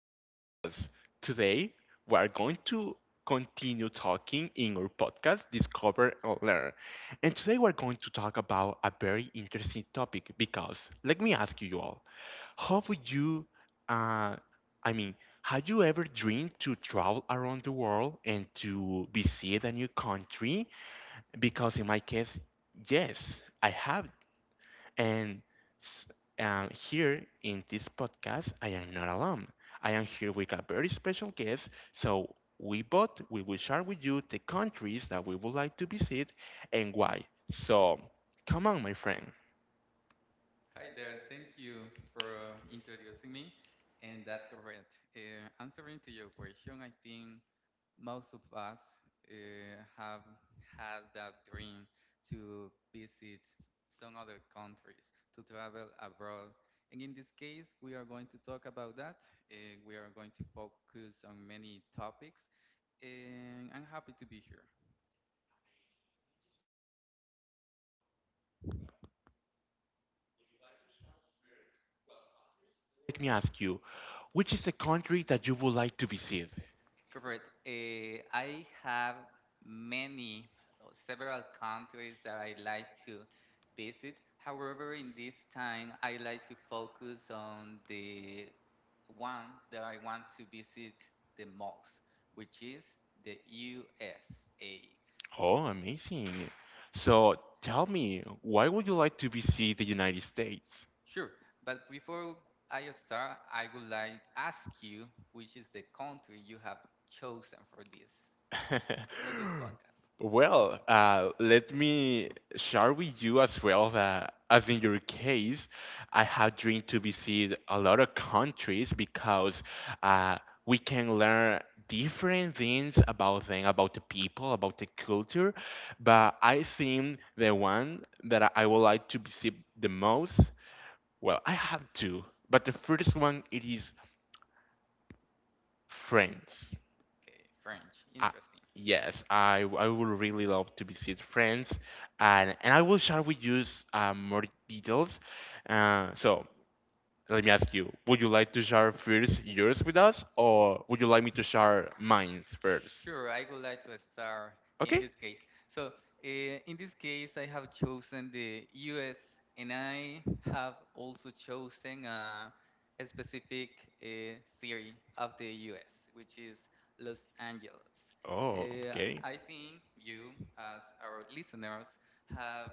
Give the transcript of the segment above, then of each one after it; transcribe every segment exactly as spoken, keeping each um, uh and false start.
for listening us. Today, we are going to continue talking in our podcast, Discover and Learn. And today, we're going to talk about a very interesting topic because let me ask you all, how would you, uh, I mean, had you ever dreamed to travel around the world and to visit a new country? Because in my case, yes, I have, and s- um, here in this podcast, I am not alone. I am here with a very special guest. So we both we will share with you the countries that we would like to visit and why. So come on, my friend. Hi there, thank you for introducing me. And that's correct. Uh, answering to your question, I think most of us uh, have had that dream to visit some other countries, to travel abroad. And in this case, we are going to talk about that. Uh, we are going to focus on many topics. And I'm happy to be here. Let me ask you, which is the country that you would like to visit? Correct. Eh, I have many, uh, several countries that I like to visit. However, in this time, I like to focus on the one that I want to visit the most, which is the U S A. Oh, amazing. So tell me, why would you like to visit the United States? Sure, but before I start, I would like to ask you which is the country you have chosen for this for this podcast. Well, uh, let me share with you as well that, as in your case, I have dreamed to visit a lot of countries because uh, we can learn different things about them, about the people, about the culture. But I think the one that I I would like to visit the most, well, I have two, but the first one it is France. Okay, French. Uh, Interesting. yes, I w- I would really love to visit France, and and I will share with you s- uh, more details. Uh, so let me ask you: would you like to share first yours with us, or would you like me to share mine first? Sure, I would like to start in Okay. this case. So, uh, in this case, I have chosen the U S and I have also chosen uh, a specific uh, city of the U S, which is Los Angeles. Oh, Uh, okay. I think you, as our listeners, have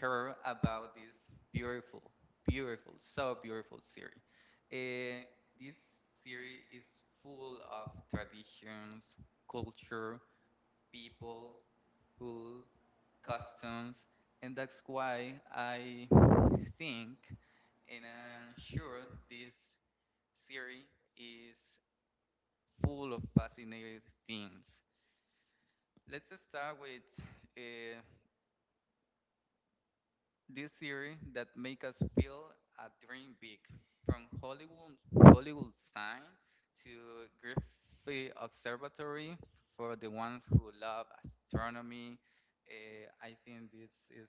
her about this beautiful, beautiful, so beautiful series. Eh, this series is full of traditions, culture, people, food, customs, and that's why I think and I'm sure this series is full of fascinating things. Let's start with uh, this series that make us feel a dream big, from Hollywood Hollywood sign to Griffith Observatory for the ones who love astronomy. eh, I think this is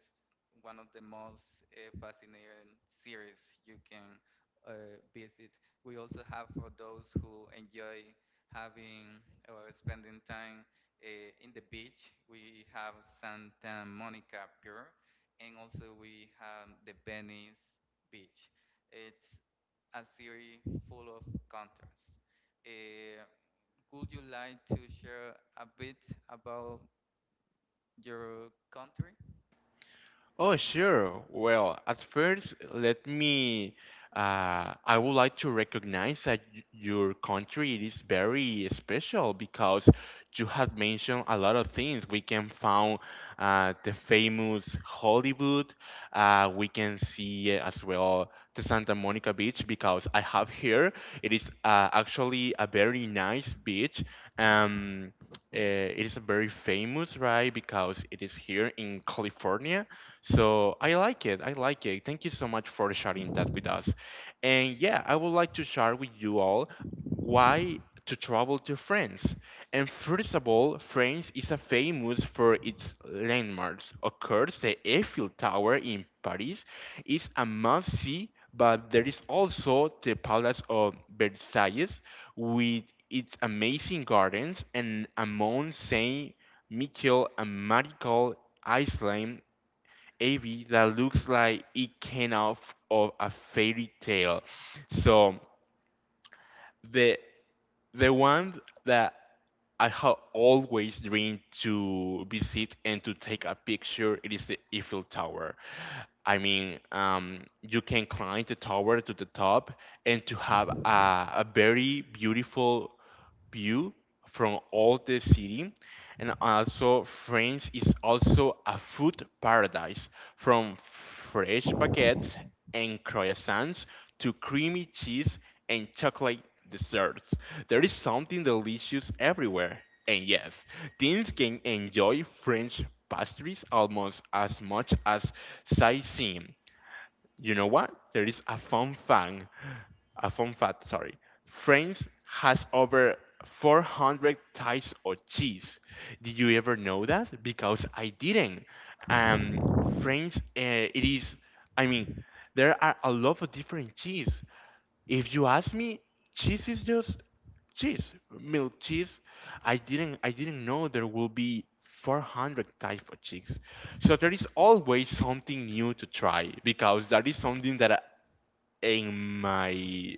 one of the most uh, fascinating series you can uh, visit. We also have for those who enjoy having or spending time uh, in the beach. We have Santa Monica Pier and also we have the Venice Beach. It's a city full of contrasts. Eh, could you like to share a bit about your country? Oh, sure. Well, at first, let me. Uh, I would like to recognize that y- your country it is very special because you had mentioned a lot of things. We can found uh, the famous Hollywood. Uh, we can see as well the Santa Monica Beach because I have here. It is uh, actually a very nice beach. Um, uh, it is very famous, right? Because it is here in California, so I like it. I like it. Thank you so much for sharing that with us. And yeah, I would like to share with you all why to travel to France. And first of all, France is a famous for its landmarks. Of course, the Eiffel Tower in Paris is a must-see, but there is also the Palace of Versailles with its amazing gardens, and a Mont Saint Michel and Marigold Island A V that looks like it came out of a fairy tale. So the the one that I have always dreamed to visit and to take a picture. It is the Eiffel Tower. I mean, um, you can climb the tower to the top and to have a, a very beautiful view from all the city. And also France is also a food paradise, from fresh baguettes and croissants to creamy cheese and chocolate desserts. There is something delicious everywhere. And yes, teens can enjoy French pastries almost as much as sightseeing. You know what? There is a fun fact. A fun fact, sorry. France has over four hundred types of cheese. Did you ever know that? Because I didn't. Um, France, uh, it is, I mean, there are a lot of different cheese. If you ask me, cheese is just cheese, milk cheese. I didn't I didn't know there will be four hundred type of cheese. So there is always something new to try, because that is something that in my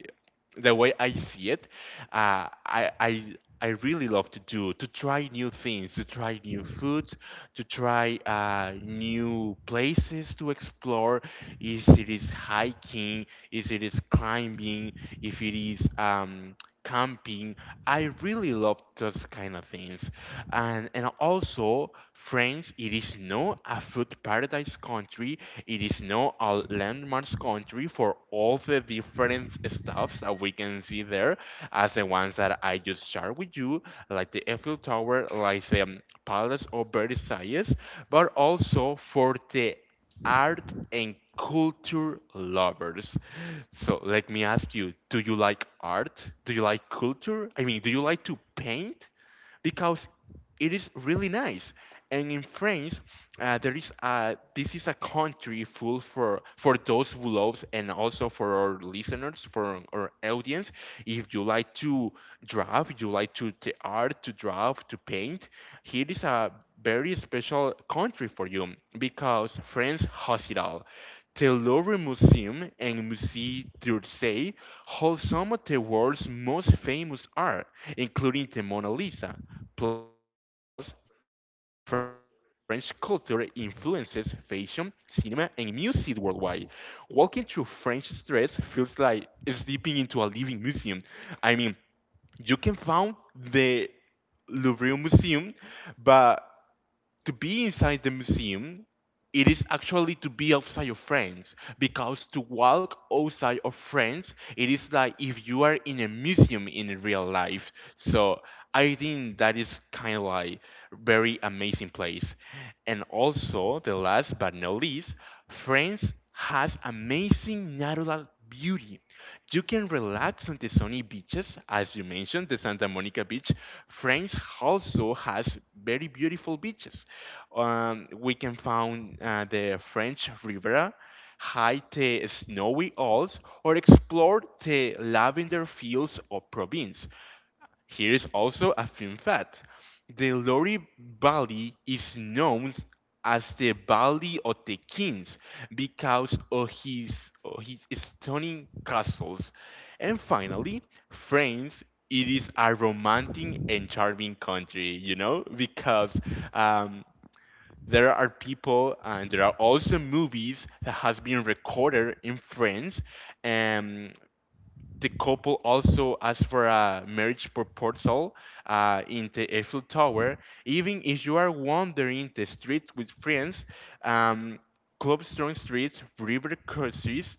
the way I see it, uh, I I I really love to do, to try new things, to try new foods, to try uh, new places to explore. If it is hiking, if it is climbing, if it is um, camping. I really love those kind of things. And and also France, it is not a food paradise country. It is not a landmarks country for all the different stuffs that we can see there, as the ones that I just shared with you, like the Eiffel Tower, like the um, Palace of Versailles, but also for the art and culture lovers. So let me ask you, do you like art? Do you like culture? I mean, do you like to paint? Because it is really nice. And in France, uh, there is a, this is a country full for for those who loves, and also for our listeners, for our audience. If you like to draw, if you like to the art, to draw, to paint, here is a very special country for you because France Hospital, the Louvre Museum, and Musée d'Orsay hold some of the world's most famous art, including the Mona Lisa. Plus, French culture influences fashion, cinema, and music worldwide. Walking through French streets feels like stepping into a living museum. I mean, you can found the Louvre Museum, but to be inside the museum, it is actually to be outside of France because to walk outside of France, it is like if you are in a museum in real life. So I think that is kind of like very amazing place. And also the last but not least, France has amazing natural beauty. You can relax on the sunny beaches, as you mentioned, the Santa Monica Beach. France also has very beautiful beaches. Um, we can find uh, the French Riviera, hike the snowy Alps, or explore the lavender fields of Provence. Here is also a fun fact. The Lori Valley is known as the Valley of the Kings because of his, of his stunning castles. And finally, France, it is a romantic and charming country, you know, because um, there are people and there are also movies that has been recorded in France. Um, the couple also asked for a marriage proposal uh, in the Eiffel Tower. Even if you are wandering the streets with friends, um, cobblestone streets, river courses,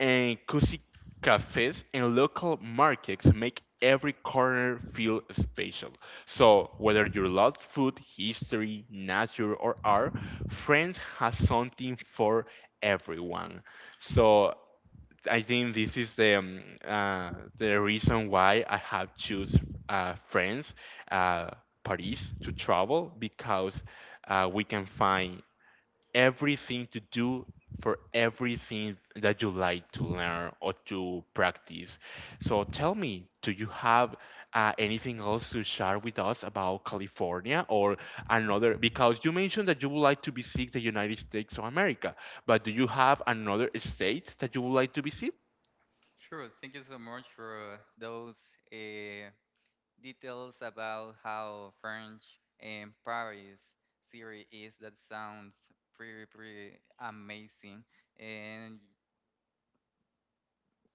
and cozy cafes and local markets make every corner feel special. So, whether you love food, history, nature, or art, France has something for everyone. So, I think this is the um, uh, the reason why I have choose uh, France, uh, Paris to travel, because uh, we can find everything to do for everything that you like to learn or to practice. So tell me, do you have uh, anything else to share with us about California or another? Because you mentioned that you would like to visit the United States of America, but do you have another state that you would like to visit? Sure. Thank you so much for those uh, details about how French and Paris city is. That sounds pretty, pretty amazing. And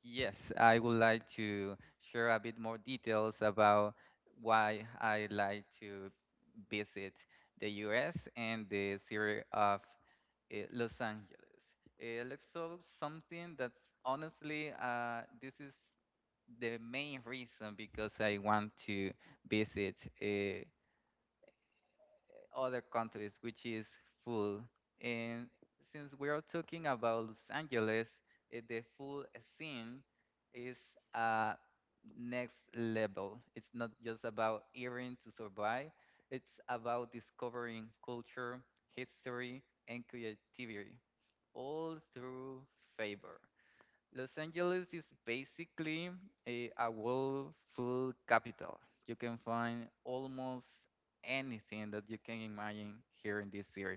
yes, I would like to share a bit more details about why I like to visit the U S and the city of uh, Los Angeles. Uh, let's talk something that's honestly, uh, this is the main reason because I want to visit. Uh, other countries, which is food. And since we are talking about Los Angeles, eh, the food scene is uh, next level. It's not just about eating to survive, it's about discovering culture, history, and creativity all through favor. Los Angeles is basically a, a world full capital. You can find almost anything that you can imagine here in this city.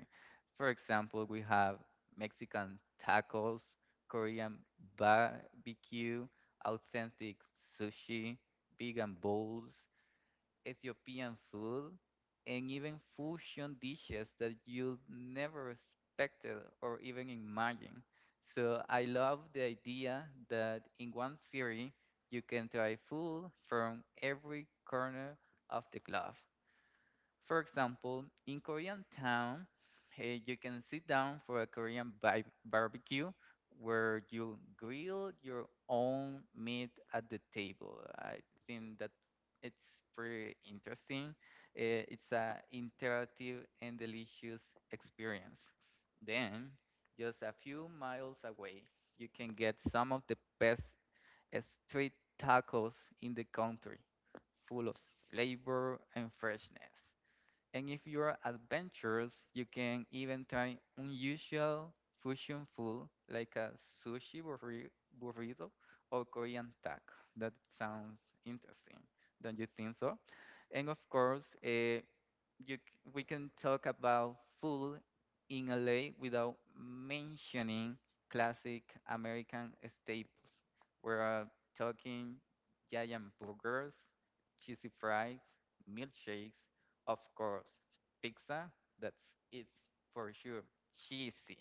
For example, we have Mexican tacos, Korean barbecue, authentic sushi, vegan bowls, Ethiopian food, and even fusion dishes that you never expected or even imagine. So I love the idea that in one series you can try food from every corner of the globe. For example, in Korean town, uh, you can sit down for a Korean bi- barbecue where you grill your own meat at the table. I think that it's pretty interesting. Uh, it's a interactive and delicious experience. Then, just a few miles away, you can get some of the best uh, street tacos in the country, full of flavor and freshness. And if you are adventurous, you can even try unusual fusion food like a sushi burri- burrito or Korean taco. That sounds interesting. Don't you think so? And of course, uh, you, c- we can talk about food in L A without mentioning classic American staples. We're uh, talking giant burgers, cheesy fries, milkshakes, of course, pizza, that's it's for sure, cheesy,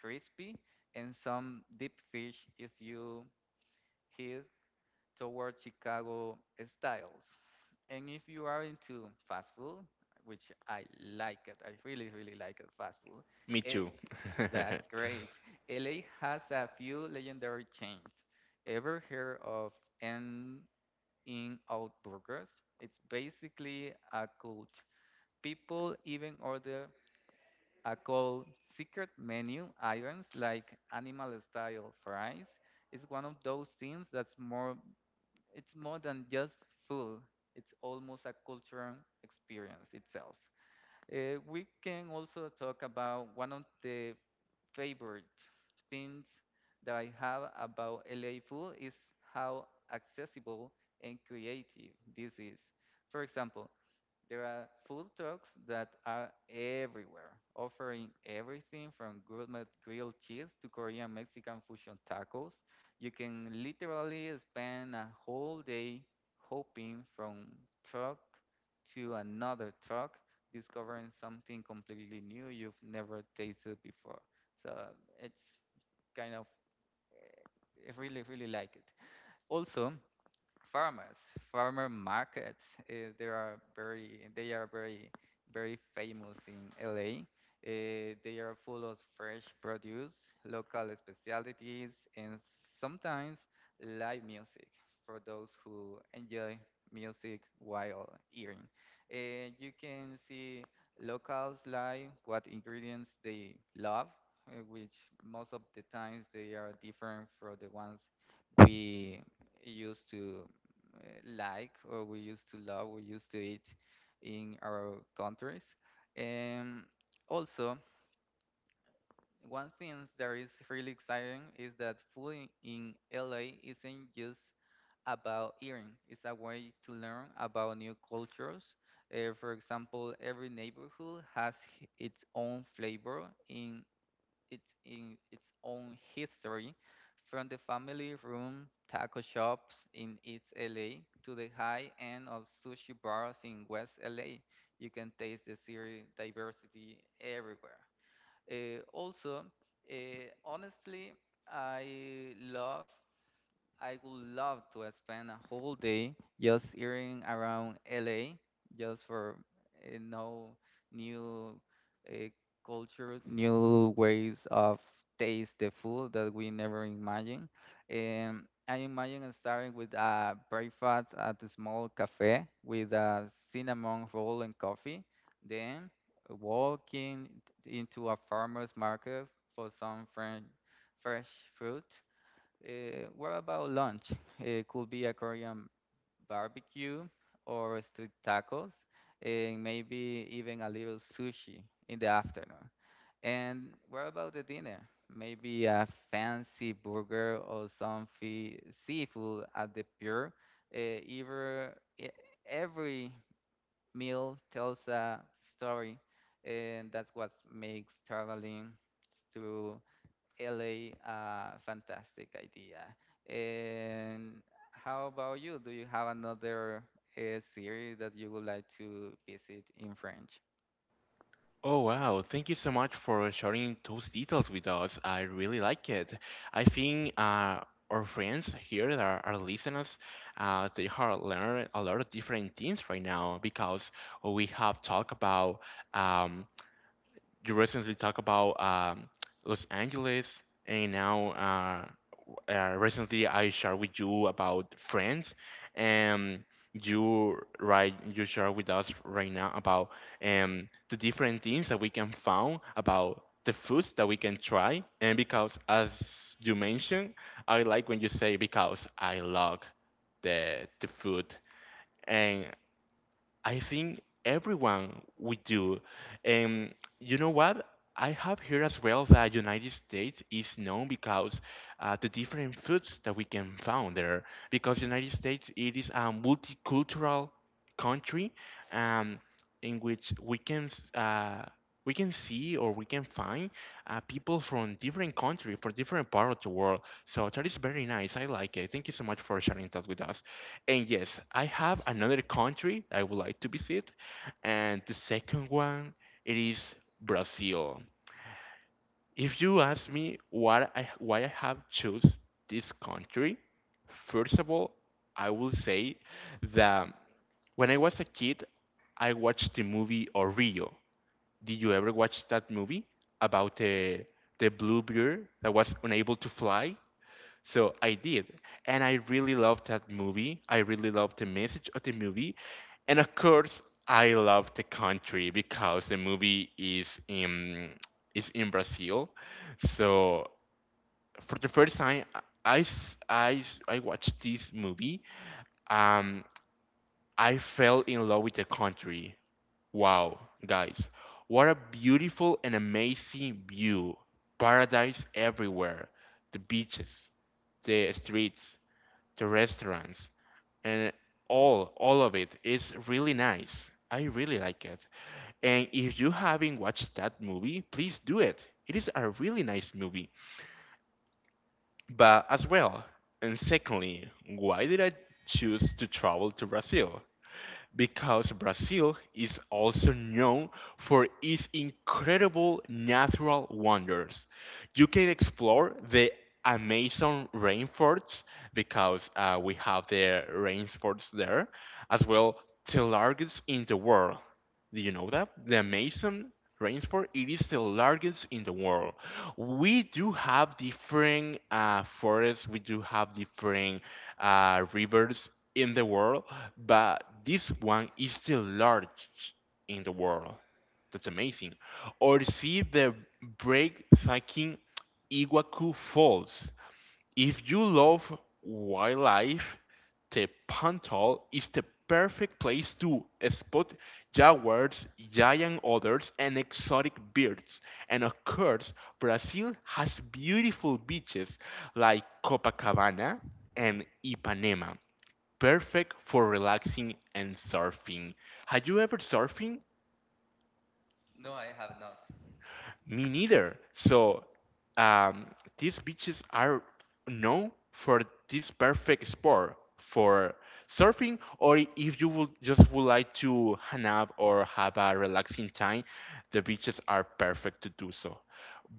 crispy, and some deep fish if you hit toward Chicago styles. And if you are into fast food, which I like it, I really, really like it, fast food. Me It, too. that's great. L A has a few legendary chains. Ever heard of N In Out Burgers? It's basically a cult. People even order a called secret menu items like animal style fries. It's one of those things that's more it's more than just food. It's almost a cultural experience itself. Uh, we can also talk about one of the favorite things that I have about L A food is how accessible and creative this is. For example, there are food trucks that are everywhere, offering everything from gourmet grilled cheese to Korean Mexican fusion tacos. You can literally spend a whole day hopping from truck to another truck discovering something completely new you've never tasted before. So it's kind of, eh, I really, really like it. Also, farmers, farmer markets. Uh, they are very, they are very, very famous in L A. Uh, they are full of fresh produce, local specialties, and sometimes live music for those who enjoy music while eating. Uh, you can see locals live, what ingredients they love, uh, which most of the times they are different from the ones we used to uh, like or we used to love, we used to eat in our countries. And also, one thing that is really exciting is that food in L A isn't just about eating. It's a way to learn about new cultures. Uh, for example, every neighborhood has h- its own flavor in its in its own history, from the family room taco shops in East L A to the high end of sushi bars in West L A. You can taste the series diversity everywhere. Uh, also, uh, honestly, I love I would love to spend a whole day just hearing around L A, just for uh, know new uh, culture, new ways of taste the food that we never imagine. And I imagine starting with a breakfast at a small cafe with a cinnamon roll and coffee, then walking into a farmer's market for some fresh, fresh fruit. Uh, what about lunch? It could be a Korean barbecue or street tacos, and maybe even a little sushi in the afternoon. And what about the dinner? Maybe a fancy burger or some fee seafood at the pier. Uh, either, e- every meal tells a story, and that's what makes traveling through L A, uh, fantastic idea. And how about you? Do you have another uh, series that you would like to visit in French? Oh wow, thank you so much for sharing those details with us. I really like it. I think uh, our friends here that are, are listeners, uh, they are learning a lot of different things right now because we have talked about um, you recently talked about um, Los Angeles, and now uh, uh, recently I shared with you about France, and you right you share with us right now about um, the different things that we can find, about the foods that we can try, and because as you mentioned, I like when you say because I love the the food. And I think everyone would do. And you know what? I have here as well that United States is known because uh, the different foods that we can find there. Because United States it is a multicultural country, um, in which we can s- uh, we can see or we can find uh, people from different country, from different part of the world. So that is very nice. I like it. Thank you so much for sharing that with us. And yes, I have another country I would like to visit, and the second one it is Brazil. If you ask me what I, why I have chose this country, first of all, I will say that when I was a kid, I watched the movie Rio. Did you ever watch that movie about the the blue bird that was unable to fly? So I did, and I really loved that movie. I really loved the message of the movie, and of course, I love the country because the movie is in is in Brazil. So for the first time, I s- I s- I watched this movie. Um, I fell in love with the country. Wow, guys, what a beautiful and amazing view! Paradise everywhere, the beaches, the streets, the restaurants, and all all of it is really nice. I really like it. And if you haven't watched that movie, please do it. It is a really nice movie. But as well, and secondly, why did I choose to travel to Brazil? Because Brazil is also known for its incredible natural wonders. You can explore the Amazon rainforests because uh, we have the rainforests there, as well the largest in the world. Do you know that? The Amazon rainforest, it is the largest in the world. We do have different uh, forests, we do have different uh, rivers in the world, but this one is the largest in the world. That's amazing. Or see the breathtaking Iguacu Falls. If you love wildlife, the Pantel is the perfect place to spot jaguars, giant otters, and exotic birds. And of course, Brazil has beautiful beaches like Copacabana and Ipanema, perfect for relaxing and surfing. Have you ever surfing? No, I have not. Me neither. So um, these beaches are known for this perfect sport for surfing, or if you would just would like to hang out or have a relaxing time, the beaches are perfect to do so.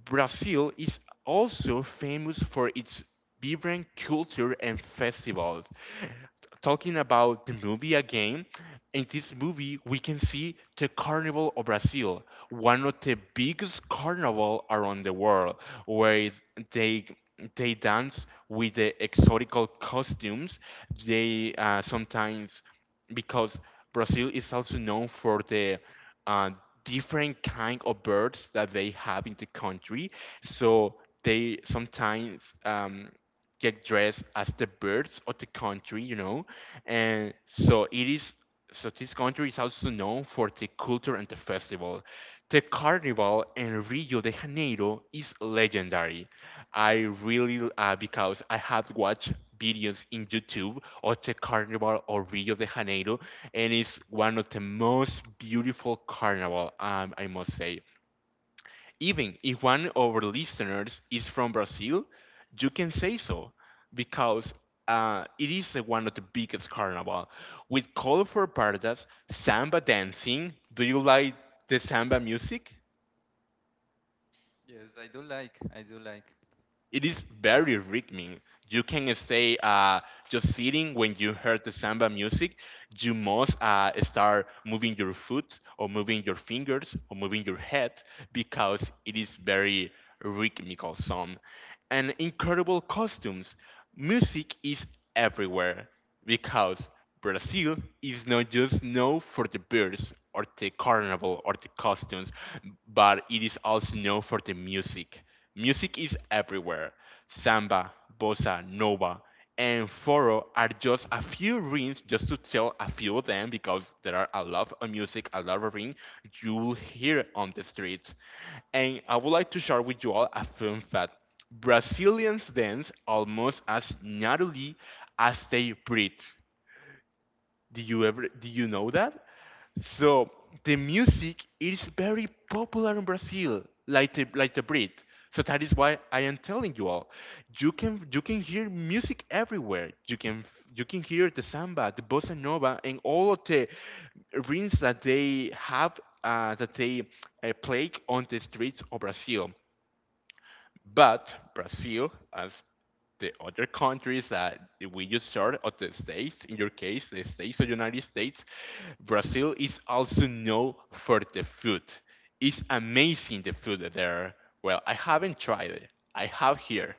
Brazil is also famous for its vibrant culture and festivals. Talking about the movie again, in this movie we can see the Carnival of Brazil, one of the biggest carnival around the world, where they they dance with the exotical costumes. They uh, sometimes, because Brazil is also known for the uh, different kind of birds that they have in the country, so they sometimes um, get dressed as the birds of the country, you know. And so it is so this country is also known for the culture and the festival. The carnival in Rio de Janeiro is legendary. I really uh, Because I have watched videos in YouTube of the carnival of Rio de Janeiro, and it's one of the most beautiful carnival um, I must say. Even if one of our listeners is from Brazil, you can say so, because uh, it is the one of the biggest carnival with colorful paradise, samba dancing. Do you like the samba music? Yes, I do like. I do like. It is very rhythmic. You can say, uh, just sitting when you heard the samba music, you must uh, start moving your foot, or moving your fingers, or moving your head, because it is very rhythmical song. And incredible costumes. Music is everywhere, because Brazil is not just known for the birds, or the carnival, or the costumes, but it is also known for the music. Music is everywhere. Samba, bossa, nova, and foro are just a few rings, just to tell a few of them, because there are a lot of music, a lot of ring you'll hear on the streets. And I would like to share with you all a fun fact. Brazilians dance almost as naturally as they breathe. Do you ever do you know that? So the music is very popular in Brazil, like the like the Brit. So that is why I am telling you all, you can you can hear music everywhere. You can you can hear the samba, the bossa nova, and all of the rings that they have uh, that they uh, play on the streets of Brazil. But Brazil, as the other countries that we just heard, or the states, in your case, the states of the United States, Brazil is also known for the food. It's amazing, the food there. Well, I haven't tried it. I have here.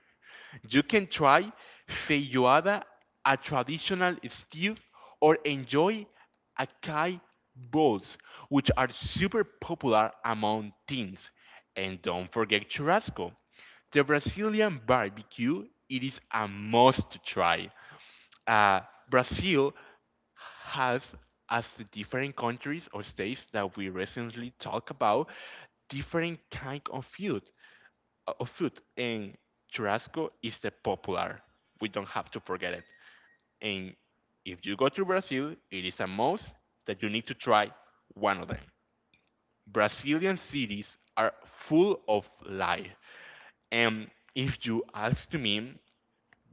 You can try feijoada, a traditional stew, or enjoy acai bowls, which are super popular among teens. And don't forget churrasco, the Brazilian barbecue. It is a must to try. Uh, Brazil has, as the different countries or states that we recently talked about, different kind of food uh, of food and churrasco is the popular. We don't have to forget it, and if you go to Brazil, it is a must that you need to try one of them. Brazilian cities are full of life. And if you ask to me,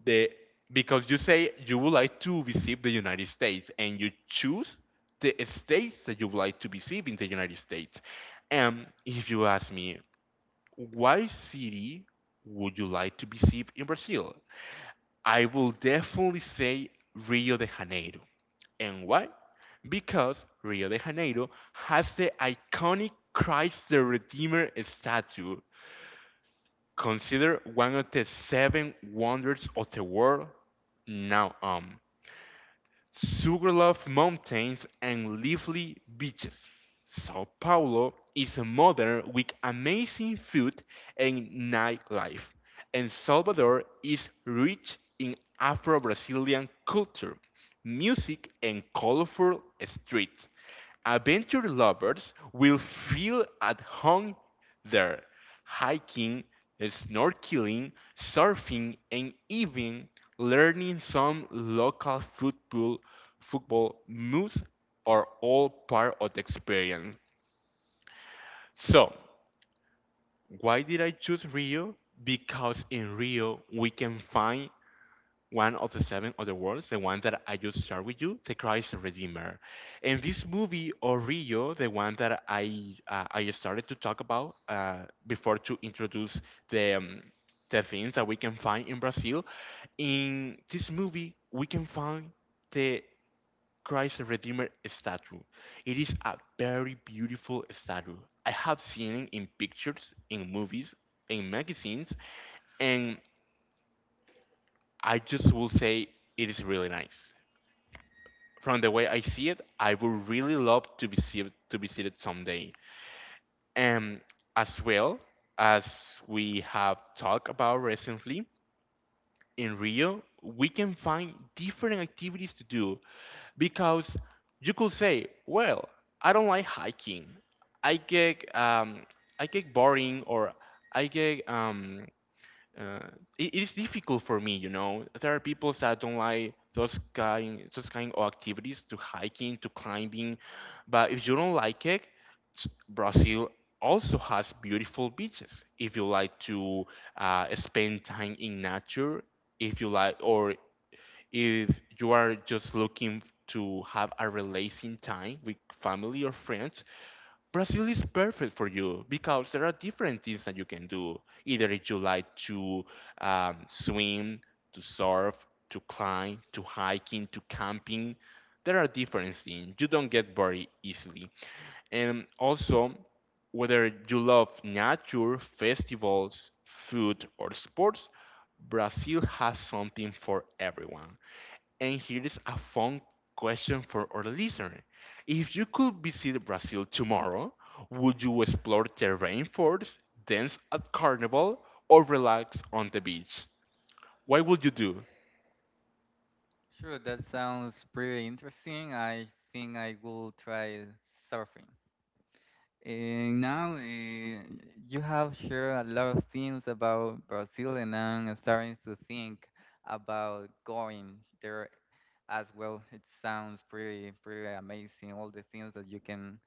the because you say you would like to visit the United States, and you choose the states that you would like to visit in the United States, and if you ask me, why city would you like to visit in Brazil? I will definitely say Rio de Janeiro. And why? Because Rio de Janeiro has the iconic Christ the Redeemer statue, considered one of the seven wonders of the world now um. Sugarloaf Mountains and lively beaches. Sao Paulo is modern with amazing food and nightlife, and Salvador is rich in Afro Brazilian culture, music, and colorful streets. Adventure lovers will feel at home there. Hiking, snorkeling, surfing, and even learning some local football, football moves are all part of the experience. So, why did I choose Rio? Because in Rio we can find one of the seven other worlds, the one that I just shared with you, the Christ Redeemer. And this movie, Orillo, the one that I uh, I started to talk about uh, before, to introduce the um, the things that we can find in Brazil. In this movie we can find the Christ Redeemer statue. It is a very beautiful statue. I have seen it in pictures, in movies, in magazines, and I just will say it is really nice. From the way I see it, I would really love to be see, to visit it someday. And as well, as we have talked about recently, in Rio we can find different activities to do, because you could say, well, I don't like hiking. I get um, I get boring, or I get um, uh, it, it is difficult for me, you know. There are people that don't like those kind those kind of activities, to hiking, to climbing. But if you don't like it, s- Brazil also has beautiful beaches. If you like to uh, spend time in nature, if you like, or if you are just looking to have a relaxing time with family or friends, Brazil is perfect for you, because there are different things that you can do. Either if you like to um, swim, to surf, to climb, to hiking, to camping, there are different things. You don't get bored easily. And also, whether you love nature, festivals, food, or sports, Brazil has something for everyone. And here is a fun question for our listener. If you could visit Brazil tomorrow, would you explore the rainforest, dance at carnival, or relax on the beach? What would you do? Sure, that sounds pretty interesting. I think I will try surfing. And now uh, you have shared a lot of things about Brazil, and I'm starting to think about going there as well. It sounds pretty, pretty amazing, all the things that you can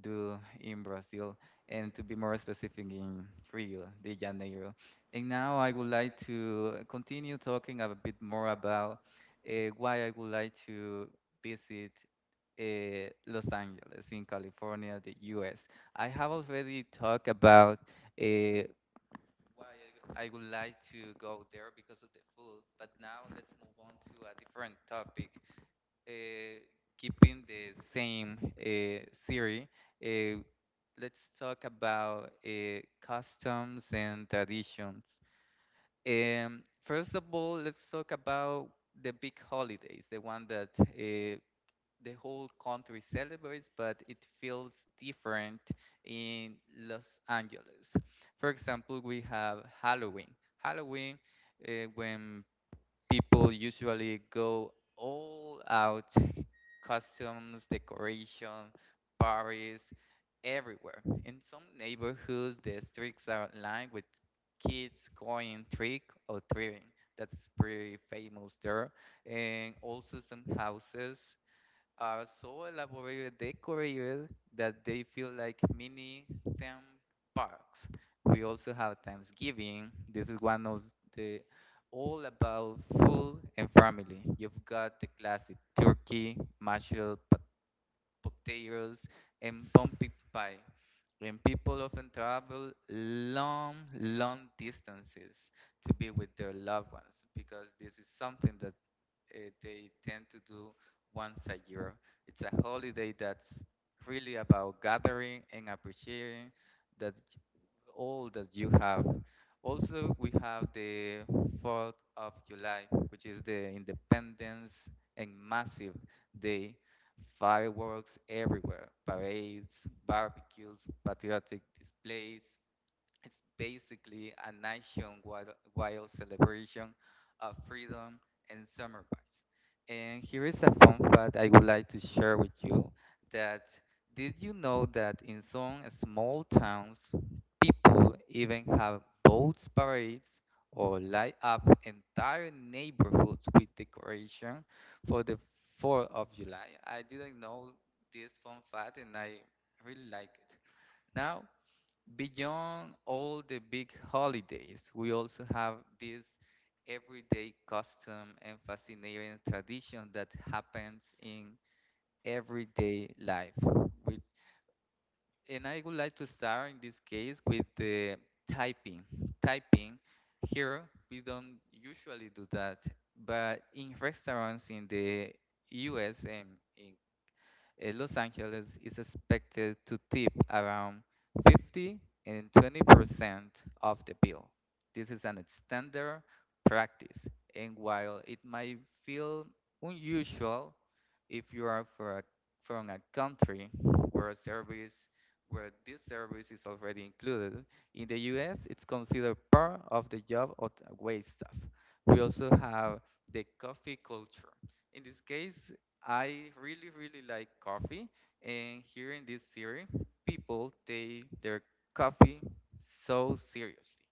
do in Brazil, and to be more specific, in Rio de Janeiro. And now I would like to continue talking a bit more about uh, why I would like to visit uh, Los Angeles in California, the U S. I have already talked about uh, why I would like to go there because of the food, but now let's move on to a different topic. Uh, keeping the same uh, series, uh, let's talk about uh, customs and traditions. Um, first of all, let's talk about the big holidays, the one that uh, the whole country celebrates, but it feels different in Los Angeles. For example, we have Halloween. Halloween, uh, when people usually go all out, costumes, decoration, parties, everywhere. In some neighborhoods, the streets are lined with kids going trick or treating. That's pretty famous there. And also some houses are so elaborately decorated that they feel like mini theme parks. We also have Thanksgiving. This is one of the all about food and family. You've got the classic turkey, mashed pot- potatoes, and pumpkin pie. And people often travel long, long distances to be with their loved ones because this is something that uh, they tend to do once a year. It's a holiday that's really about gathering and appreciating that all that you have. Also, we have the fourth of July, which is the Independence and massive day. Fireworks everywhere, parades, barbecues, patriotic displays, it's basically a nationwide wild celebration of freedom and summer vibes. And here is a fun fact I would like to share with you that did you know that in some small towns, people even have boats parades or light up entire neighborhoods with decoration for the fourth of July. I didn't know this fun fact and I really like it. Now, beyond all the big holidays, we also have this everyday custom and fascinating tradition that happens in everyday life. With, and I would like to start in this case with the typing. Typing here, we don't usually do that, but in restaurants in the U S and in uh, Los Angeles is expected to tip around fifty and twenty percent of the bill. This is an standard practice, and while it might feel unusual if you are for a, from a country where a service where this service is already included, in the U S it's considered part of the job of the wait staff. We also have the coffee culture. In this case, I really, really like coffee, and here in this series, people take their coffee so seriously,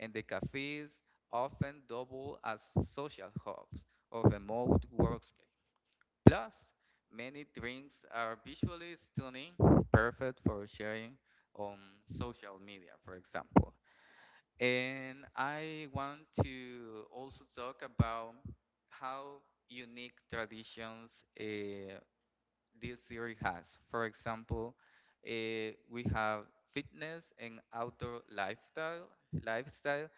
and the cafes often double as social hubs or remote workspace. Plus, many drinks are visually stunning, perfect for sharing on social media, for example. And I want to also talk about how unique traditions uh, this series has. For example, eh, we have fitness and outdoor lifestyle. Lifestyle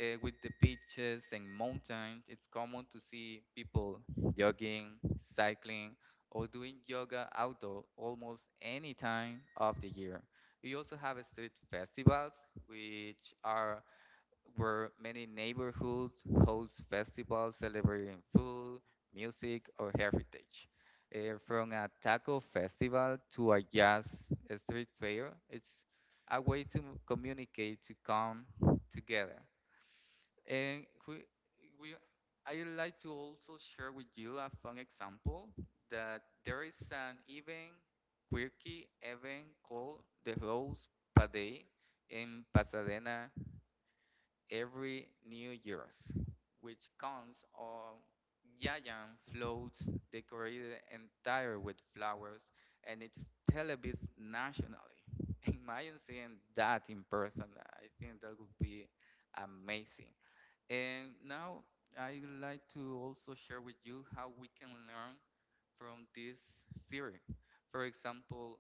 eh, with the beaches and mountains. It's common to see people jogging, cycling, or doing yoga outdoor almost any time of the year. We also have street festivals, which are where many neighborhoods host festivals celebrating food, music, or heritage. Eh, from a taco festival to a jazz street fair, it's a way to communicate, to come together. And we, we, I'd like to also share with you a fun example that there is an event, quirky event called the Rose Parade in Pasadena, every New Year's, which counts on giant floats decorated entire with flowers, and it's televised nationally. Imagine seeing that in person. I think that would be amazing. And now I would like to also share with you how we can learn from this series. For example,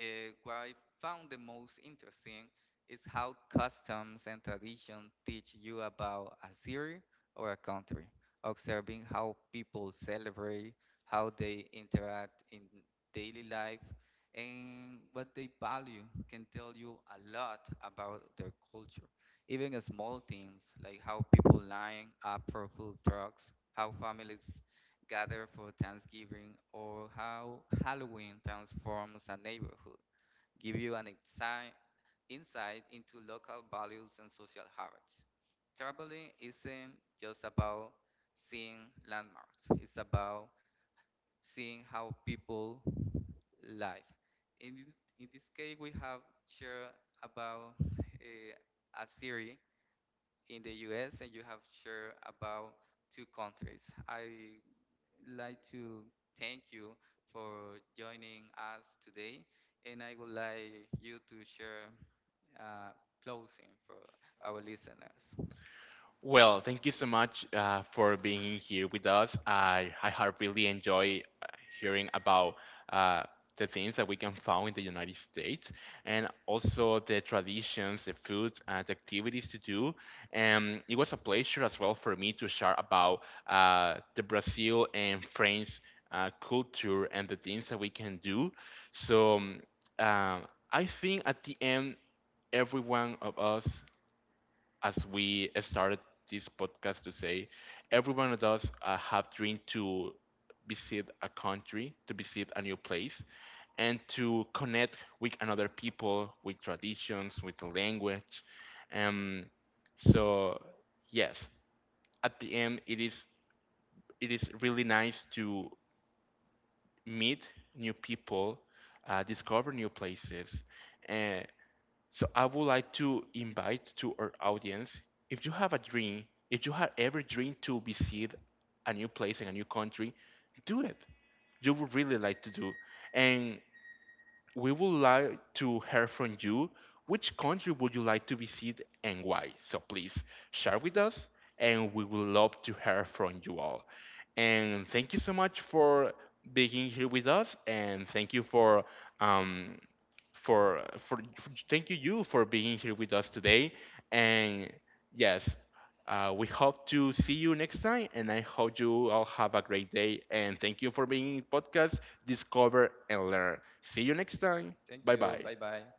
uh, what I found the most interesting is how customs and tradition teach you about a city or a country, observing how people celebrate, how they interact in daily life, and what they value can tell you a lot about their culture. Even small things like how people line up for food trucks, how families gather for Thanksgiving, or how Halloween transforms a neighborhood give you an exi- insight into local values and social habits. Traveling isn't just about seeing landmarks, it's about seeing how people live. In, this- in this case, we have shared about eh, a series in the U S and you have shared about two countries. I like to thank you for joining us today, and I would like you to share uh, closing for our listeners. Well, thank you so much uh, for being here with us. I, I have really enjoyed uh, hearing about uh, the things that we can find in the United States, and also the traditions, the foods, and the activities to do. And it was a pleasure as well for me to share about uh, the Brazil and France uh, culture and the things that we can do. So um, uh, I think, at the end, every one of us, as we started this podcast to say, every one of us uh, have dream to visit a country, to visit a new place, and to connect with another people, with traditions, with the language. Um, so yes, at the end, it is it is really nice to meet new people, uh, discover new places. uh, so I would like to invite to our audience, if you have a dream, if you have ever dreamed to visit a new place in a new country, do it. You would really like to do. And we would like to hear from you which country would you like to visit and why. So please share with us, and we would love to hear from you all. And thank you so much for being here with us, and thank you for um, for, for for thank you you for being here with us today. And yes, uh, we hope to see you next time, and I hope you all have a great day. And thank you for being in podcast, Discover and Learn. See you next time. Thank Bye you. bye. Bye bye.